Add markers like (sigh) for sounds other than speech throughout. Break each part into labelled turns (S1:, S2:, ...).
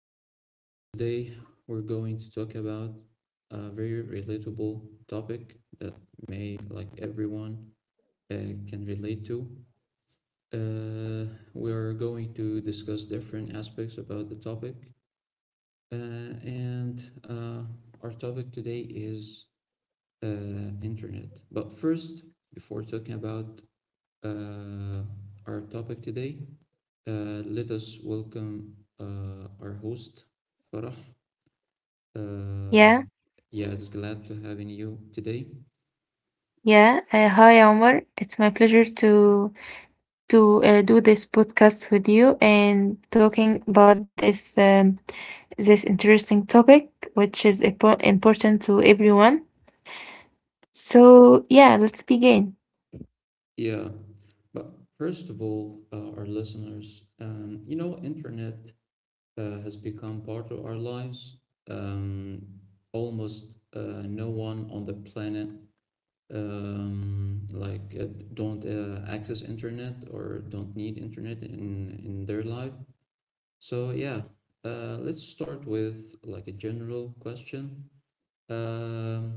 S1: our listeners. Today, we're going to talk about a very relatable topic that may, like everyone, uh, can relate to. We are going to discuss different aspects about the topic, and our topic today is internet. But first, before talking about uh, our topic today, let us welcome our host, Farah. Uh,
S2: Yeah,
S1: yeah, it's glad to having you today.
S2: yeah. Hi, Omar. It's my pleasure to do this podcast with you and talking about this this interesting topic, which is important to everyone. So yeah, let's begin.
S1: Yeah, but first of all, our listeners, you know, internet has become part of our lives. Um, Almost no one on the planet um, like uh, don't access internet or don't need internet in their life. So yeah, let's start with like a general question. Um,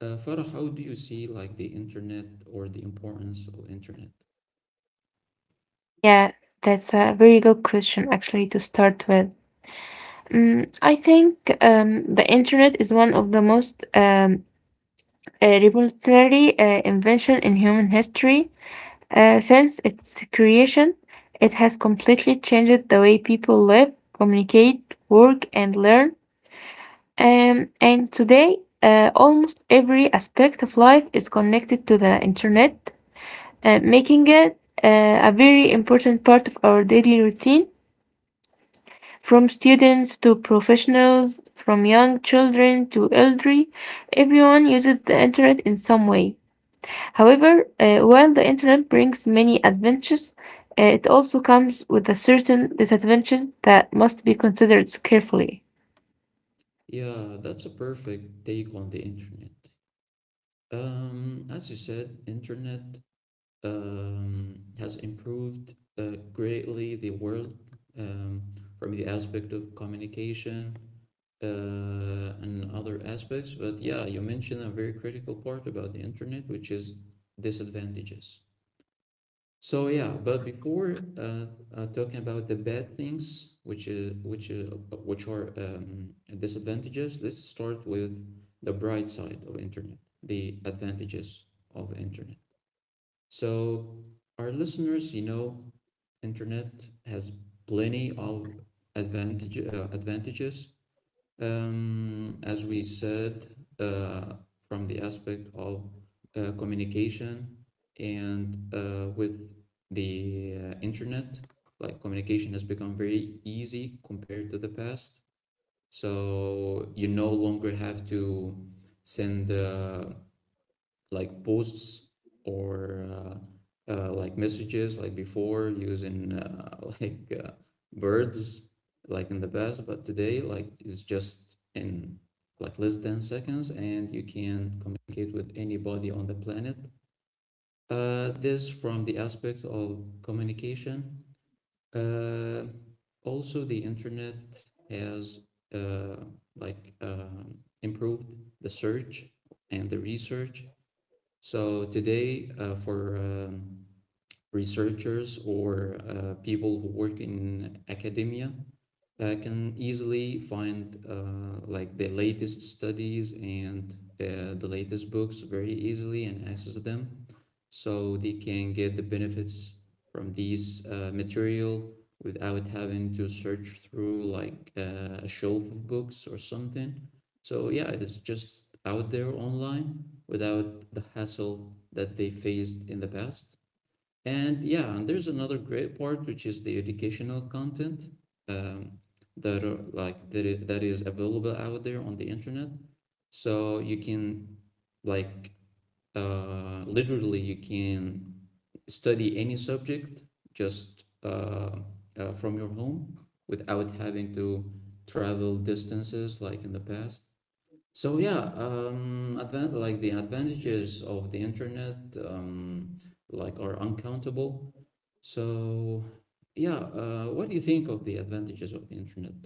S1: Farah, how do you see like the internet or the importance of internet?
S2: Yeah, that's a very good question actually to start with. Mm, I think the internet is one of the most revolutionary invention in human history. Since its creation, it has completely changed the way people live, communicate, work, and learn. And today, almost every aspect of life is connected to the internet, making it a very important part of our daily routine. From students to professionals, from young children to elderly, everyone uses the internet in some way. However, while the internet brings many advantages, it also comes with a certain disadvantages that must be considered carefully.
S1: Yeah, that's a perfect take on the internet. As you said, internet has improved greatly the world, um, from the aspect of communication and other aspects. But yeah, you mentioned a very critical part about the internet, which is disadvantages. So yeah, but before talking about the bad things, which are disadvantages, let's start with the bright side of internet, the advantages of internet. So our listeners, you know, internet has plenty of advantages as we said, uh, from the aspect of communication and with the internet, like communication has become very easy compared to the past. So you no longer have to send like posts or like messages like before using (laughs) like birds like in the past, but today like it's just in like less than seconds, and you can communicate with anybody on the planet. This from the aspect of communication. uh, Also the internet has uh, like um improved the search and the research. So today, for researchers or people who work in academia can easily find like the latest studies and the latest books very easily and access them, so they can get the benefits from these material without having to search through like a shelf of books or something. So yeah, it is just out there online without the hassle that they faced in the past. And yeah, and there's another great part, which is the educational content um, that are like that is available out there on the internet. So you can like literally you can study any subject just from your home without having to travel distances like in the past. So yeah, like the advantages of the internet um, like are uncountable. So yeah, what do you think of the advantages of the internet?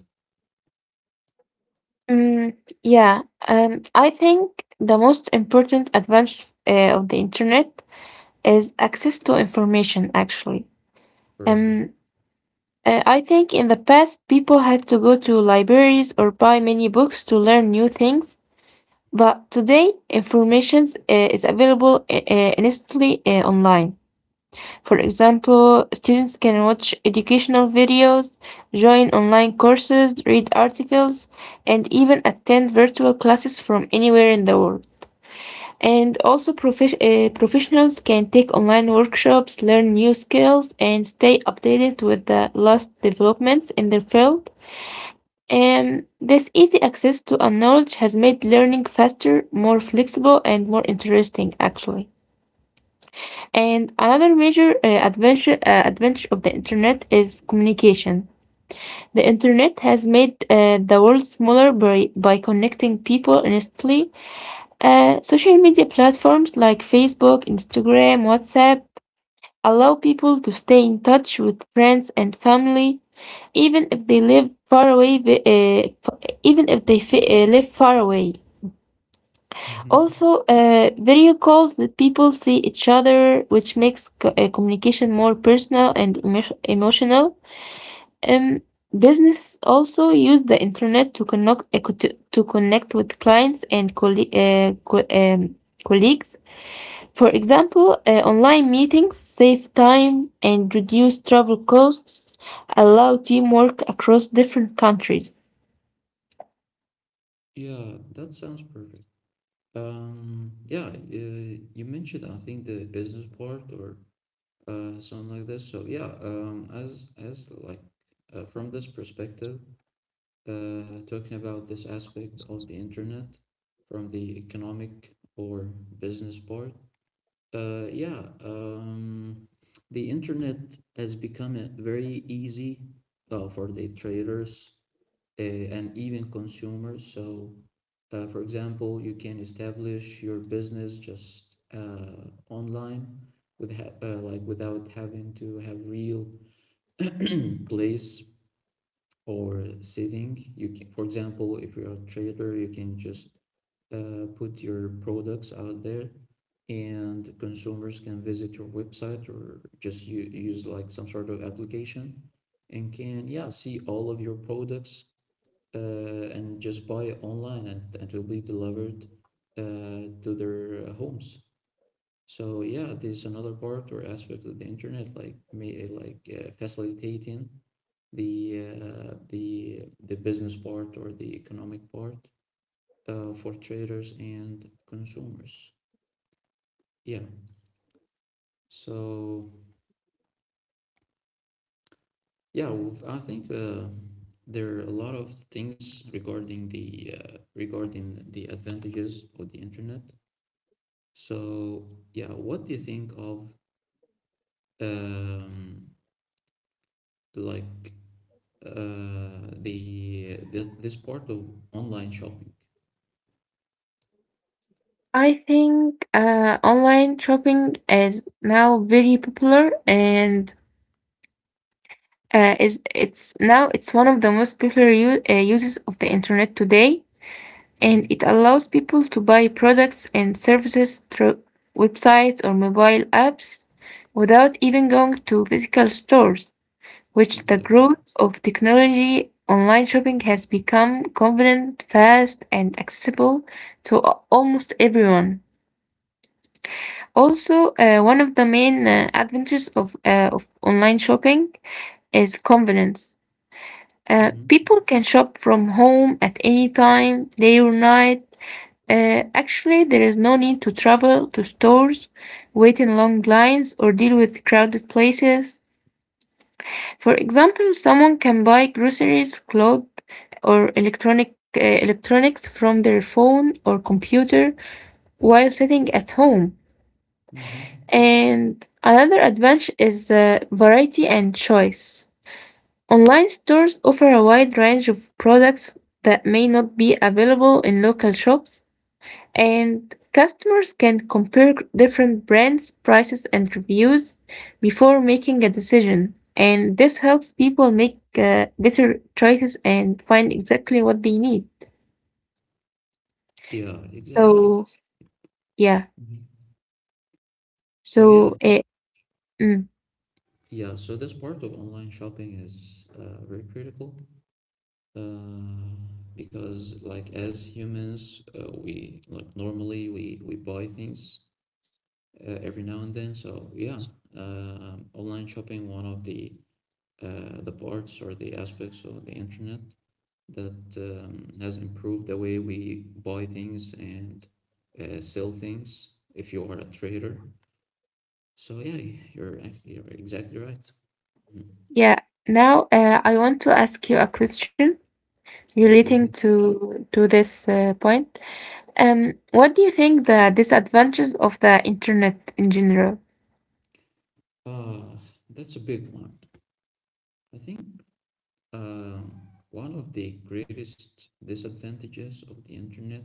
S2: Mm, yeah, I think the most important advantage of the internet is access to information, actually.
S1: Perfect.
S2: Um, I think in the past, people had to go to libraries or buy many books to learn new things, but today, information is available instantly online. For example, students can watch educational videos, join online courses, read articles, and even attend virtual classes from anywhere in the world. And also, professionals can take online workshops, learn new skills, and stay updated with the latest developments in their field. And this easy access to a knowledge has made learning faster, more flexible, and more interesting, actually. And another major advantage of the internet is communication. The internet has made the world smaller by connecting people instantly. Social media platforms like Facebook, Instagram, WhatsApp allow people to stay in touch with friends and family, even if they live far away. Uh, f- even if they fi- live far away.
S1: Mm-hmm.
S2: Also, video calls let people see each other, which makes communication more personal and emotional. Um, Business also use the internet to connect to connect with clients and colleagues. For example, online meetings save time and reduce travel costs, allow teamwork across different countries.
S1: Yeah, that sounds perfect. Yeah, you mentioned I think the business part or something like this. So yeah, as like from this perspective, talking about this aspect of the internet from the economic or business part. Yeah, the internet has become a very easy for the traders and even consumers. So, for example, you can establish your business just online with ha like without having to have real place or sitting. You can, for example, if you are a trader, you can just put your products out there, and consumers can visit your website or just use like some sort of application and can yeah see all of your products, uh, and just buy it online, and it will be delivered to their homes. So yeah, this is another part or aspect of the internet like may like facilitating the business part or the economic part for traders and consumers. Yeah. So I think there are a lot of things regarding the advantages of the internet. So yeah, what do you think of um, like the this part of online shopping?
S2: I think online shopping is now very popular and is it's now it's one of the most popular uses of the internet today,
S1: Mm-hmm.
S2: and it allows people to buy products and services through websites or mobile apps without even going to physical stores, which the
S1: Exactly.
S2: growth of technology online shopping has become convenient, fast, and accessible to almost everyone. Also, one of the main advantages of online shopping is convenience.
S1: Mm-hmm.
S2: People can shop from home at any time, day or night. Actually, there is no need to travel to stores, wait in long lines, or deal with crowded places. For example, someone can buy groceries, clothes, or electronics from their phone or computer while sitting at home.
S1: Mm-hmm.
S2: And another advantage is variety and choice. Online stores offer a wide range of products that may not be available in local shops, and customers can compare different brands, prices, and reviews before making a decision. And this helps people make better choices and find exactly what they need.
S1: Yeah, exactly.
S2: So, yeah.
S1: Mhm. So yeah,
S2: So, uh, mm,
S1: yeah, so this part of online shopping is very critical uh, because, like, as humans, we like normally we buy things every now and then. So yeah, online shopping one of the parts or the aspects of the internet that has improved the way we buy things and sell things. If you are a trader, so yeah, you're you're exactly right. Mhm.
S2: yeah. Now, I want to ask you a question
S1: Yeah,
S2: relating
S1: go ahead.
S2: to this point. Um, what do you think the disadvantages of the internet in general?
S1: Uh, that's a big one. I think uh, one of the greatest disadvantages of the internet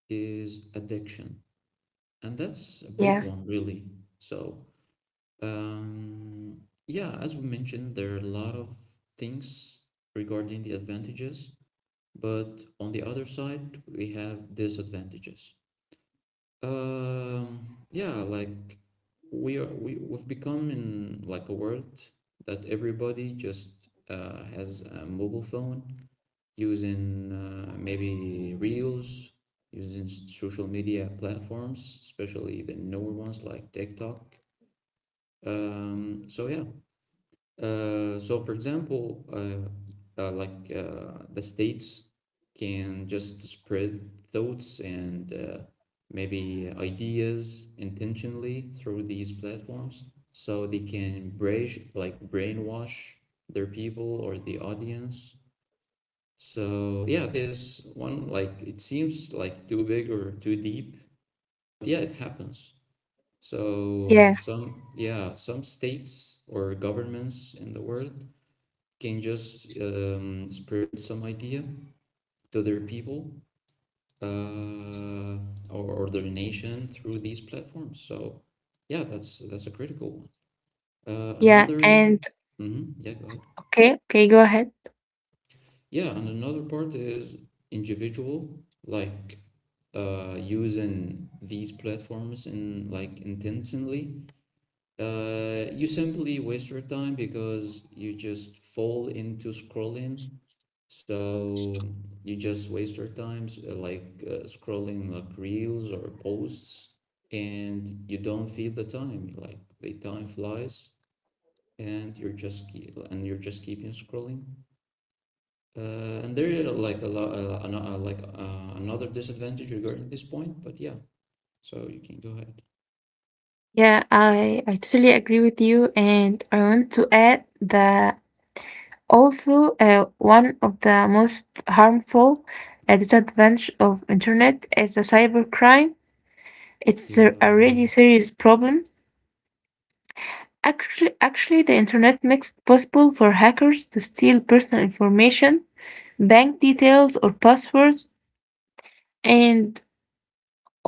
S1: is addiction, and that's a big
S2: Yes.
S1: one, really. So, um, yeah, as we mentioned, there are a lot of things regarding the advantages, but on the other side, we have disadvantages. Um, yeah, like we are we we've become in like a world that everybody just has a mobile phone using maybe reels, using social media platforms, especially the newer ones like TikTok. Um, so yeah, so, for example, the states can just spread thoughts and maybe ideas intentionally through these platforms, so they can like brainwash their people or the audience. So yeah, there's one like it seems like too big or too deep. Yeah, it happens. So
S2: Yeah.
S1: some, yeah, some states or governments in the world can just spread some idea to their people uh, or their nation through these platforms. So yeah, that's a critical one. Uh,
S2: yeah
S1: another,
S2: and
S1: mhm, yeah, go ahead.
S2: okay okay, go ahead.
S1: Yeah, and another part is individual, like using these platforms in like intentionally. You simply waste your time because you just fall into scrolling. So you just waste your time like scrolling like reels or posts, and you don't feel the time. Like the time flies, and you're just keeping scrolling. And there are like a lot, another disadvantage regarding this point. But yeah, so you can go ahead.
S2: Yeah, I totally agree with you, and I want to add that also, one of the most harmful disadvantage of internet is the cybercrime. It's a
S1: Yeah,
S2: really serious problem. Actually, the internet makes it possible for hackers to steal personal information, bank details, or passwords, and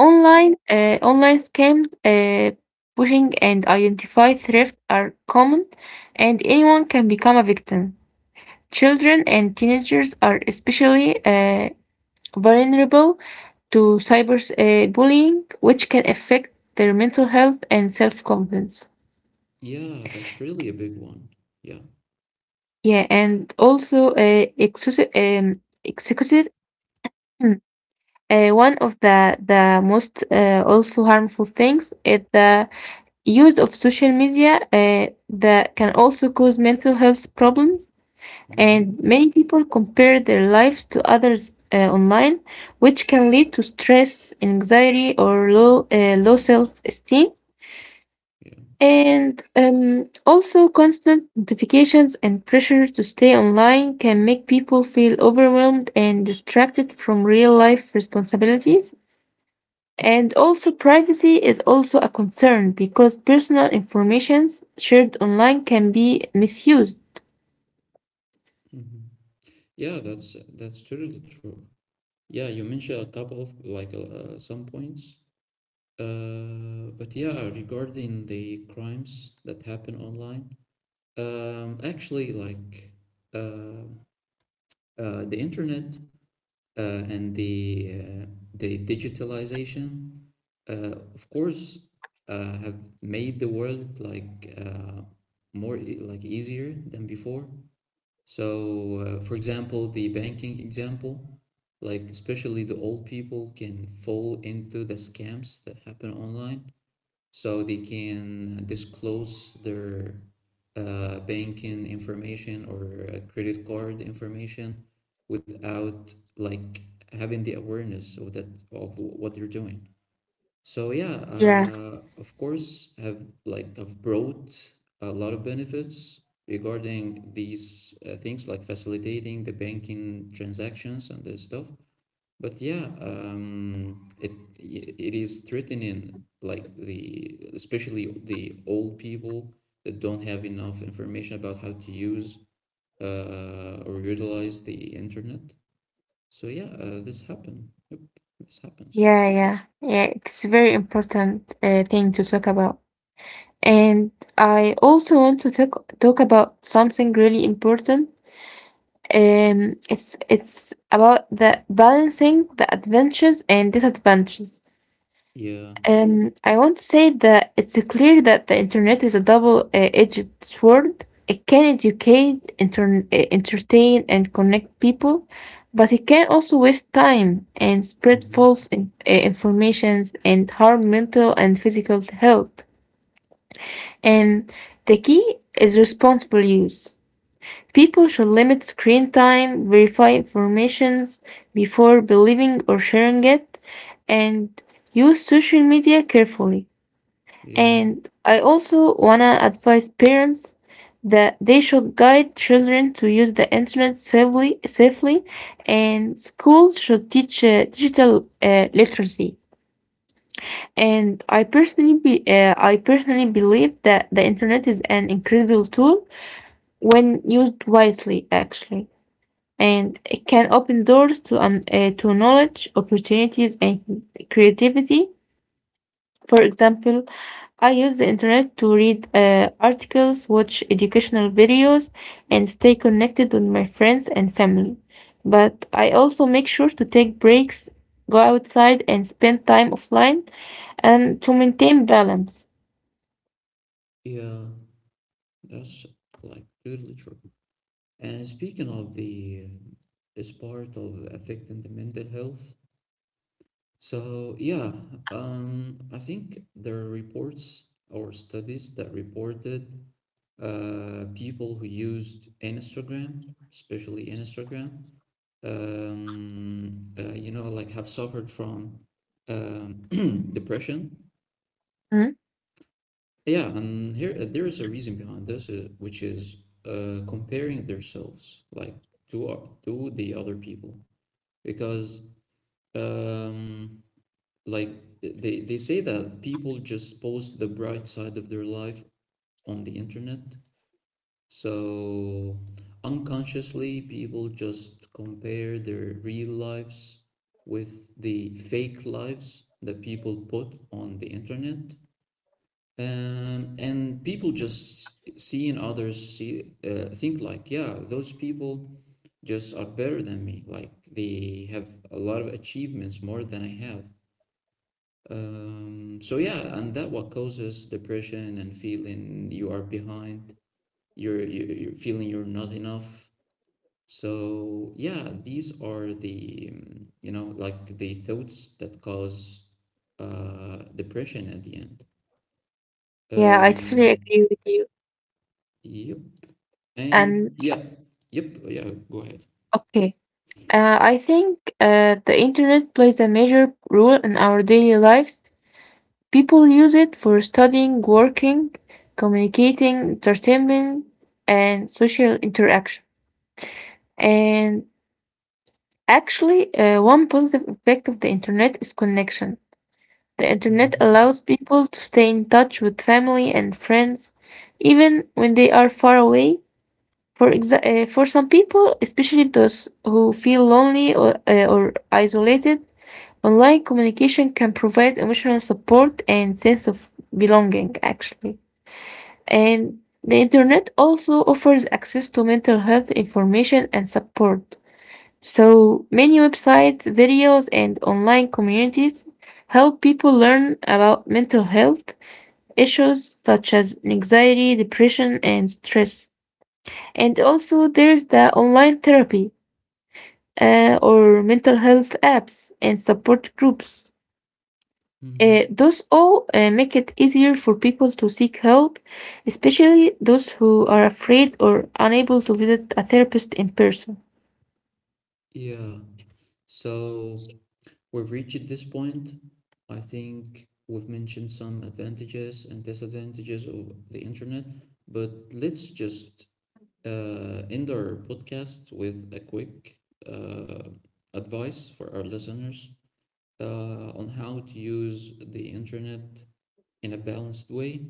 S2: online scams, phishing, and identify theft are common, and anyone can become a victim. Children and teenagers are especially vulnerable to cyber bullying, which can affect their mental health and self confidence.
S1: yeah, that's really a big one. Yeah.
S2: Yeah, and also excuses. Mm, one of the most also harmful things is the use of social media that can also cause mental health problems. And
S1: Mm-hmm.
S2: many people compare their lives to others online, which can lead to stress, anxiety, or low self esteem.
S1: Yeah.
S2: And also, constant notifications and pressure to stay online can make people feel overwhelmed and distracted from real life responsibilities. And also, privacy is also a concern because personal informations shared online can be misused.
S1: Mm-hmm. Yeah, that's totally true. Yeah, you mentioned a couple of like some points. But yeah, regarding the crimes that happen online, actually, like uh, the internet and the digitalization, of course, have made the world like easier than before. So, for example, the banking example, like especially the old people can fall into the scams that happen online. So they can disclose their banking information or credit card information without like having the awareness of that of what they're doing. So yeah,
S2: Yeah,
S1: of course, have like have brought a lot of benefits regarding these things like facilitating the banking transactions and this stuff. But yeah, it is threatening like the especially the old people that don't have enough information about how to use or utilize the internet. So yeah, this happen. Yep, this happens.
S2: yeah, yeah, yeah. It's a very important thing to talk about. And I also want to talk about something really important. It's about the balancing the advantages and disadvantages.
S1: Yeah.
S2: I want to say that it's clear that the internet is a double-edged sword. It can educate, entertain, and connect people, but it can also waste time and spread
S1: Hmm.
S2: false informations and harm mental and physical health. And the key is responsible use. People should limit screen time, verify informations before believing or sharing it, and use social media carefully.
S1: Yeah.
S2: And I also want to advise parents that they should guide children to use the internet safely, safely, and schools should teach digital literacy. And I personally believe that the internet is an incredible tool when used wisely, actually, and it can open doors to to knowledge, opportunities, and creativity. For example, I use the internet to read articles, watch educational videos, and stay connected with my friends and family. But I also make sure to take breaks, go outside, and spend time offline, and to maintain balance.
S1: Yeah, that's like totally true. And speaking of the is part of affecting the mental health. So yeah, I think there are reports or studies that reported people who used Instagram, especially Instagram, you know, like have suffered from um, (clears throat) depression.
S2: Mhm.
S1: Yeah, and here there is a reason behind this, which is comparing themselves like to the other people, because um, like they say that people just post the bright side of their life on the internet, so unconsciously people just compare their real lives with the fake lives that people put on the internet, and people just seeing others see think like yeah those people just are better than me, like they have a lot of achievements more than I have. So yeah, and that what causes depression and feeling you are behind. You're feeling you're not enough. So yeah, these are the you know like the thoughts that cause depression at the end.
S2: Yeah, I totally
S1: um,
S2: agree with you.
S1: yep. And
S2: And
S1: yeah, yep, oh, yeah, go ahead.
S2: okay. I think the internet plays a major role in our daily lives. People use it for studying, working, communicating, entertainment, and social interaction. And actually, one positive effect of the internet is connection. The internet
S1: Hmm.
S2: allows people to stay in touch with family and friends, even when they are far away. For for some people, especially those who feel lonely or or isolated, online communication can provide emotional support and sense of belonging, actually. And the internet also offers access to mental health information and support. So many websites, videos, and online communities help people learn about mental health issues such as anxiety, depression, and stress. And also, there's the online therapy or mental health apps and support groups.
S1: Hmm.
S2: Those all make it easier for people to seek help, especially those who are afraid or unable to visit a therapist in person.
S1: Yeah. So we've reached this point. I think we've mentioned some advantages and disadvantages of the internet, but let's just end our podcast with a quick uh, advice for our listeners on how to use the internet in a balanced way.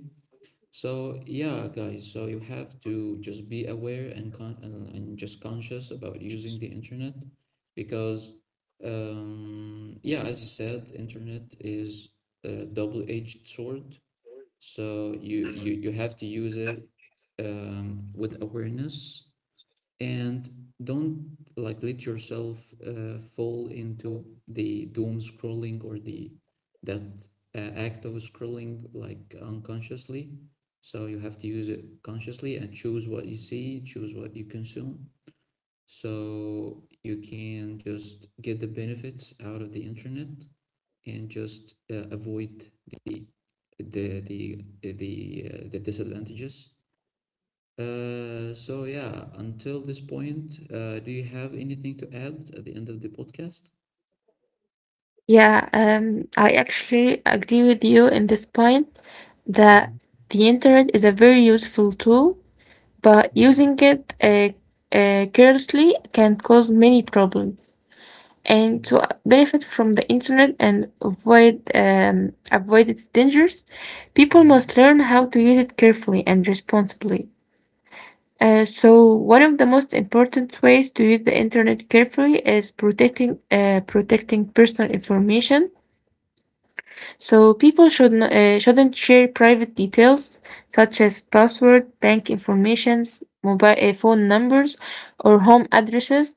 S1: So yeah, guys, so you have to just be aware and con and just conscious about using the internet because yeah, as you said, internet is a double-edged sword. So you have to use it with awareness, and don't like let yourself fall into the doom scrolling or the that act of scrolling like unconsciously. So you have to use it consciously and choose what you see, choose what you consume, so you can just get the benefits out of the internet, and just avoid the the the the disadvantages. So yeah, until this point, do you have anything to add at the end of the podcast?
S2: Yeah, I actually agree with you in this point that
S1: Mhm.
S2: the internet is a very useful tool, but
S1: Mhm.
S2: using it carelessly can cause many problems, and
S1: Yeah.
S2: to benefit from the internet and avoid its dangers, people must
S1: Hmm.
S2: learn how to use it carefully and responsibly. So one of the most important ways to use the internet carefully is protecting personal information. So people should shouldn't share private details such as password, bank informations, mobile phone numbers, or home addresses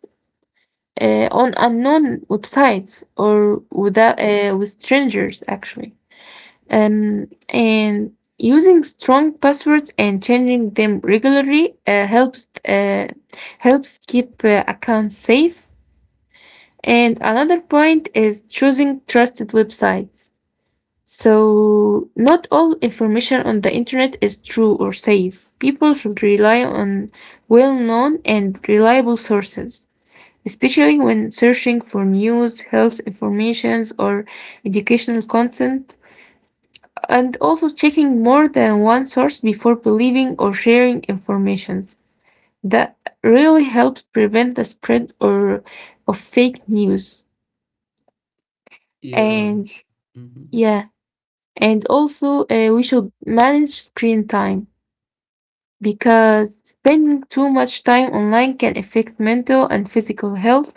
S2: on unknown websites or without, with strangers, actually. And using strong passwords and changing them regularly helps keep accounts safe. And another point is choosing trusted websites. So not all information on the internet is true or safe. People should rely on well-known and reliable sources, especially when searching for news, health informations, or educational content, and also checking more than one source before believing or sharing information. That really helps prevent the spread or of fake news.
S1: Yeah.
S2: And
S1: Hmm.
S2: yeah, and also we should manage screen time because spending too much time online can affect mental and physical health.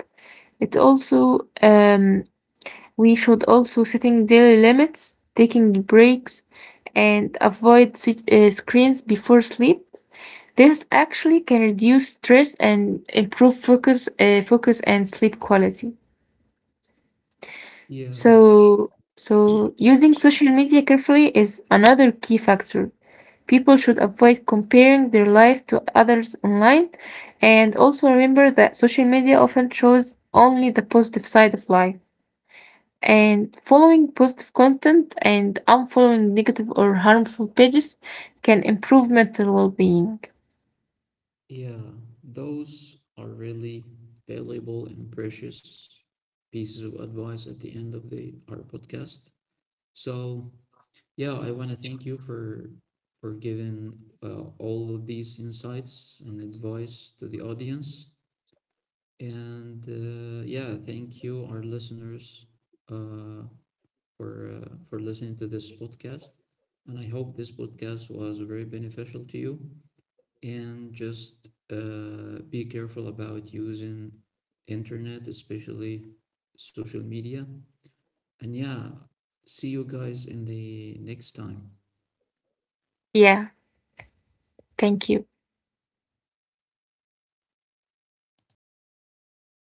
S2: It also We should also setting daily limits, taking breaks, and avoid screens before sleep. This actually can reduce stress and improve focus and sleep quality.
S1: Yeah.
S2: So, so using social media carefully is another key factor. People should avoid comparing their life to others online, and also remember that social media often shows only the positive side of life. And following positive content and unfollowing negative or harmful pages can improve mental well being.
S1: Yeah. Those are really valuable and precious pieces of advice at the end of the our podcast. So yeah, I want to thank you for giving all of these insights and advice to the audience. And yeah, thank you, our listeners, uh, for listening to this podcast. And I hope this podcast was very beneficial to you. And just be careful about using internet, especially social media. And yeah, see you guys in the next time.
S2: Yeah, thank you.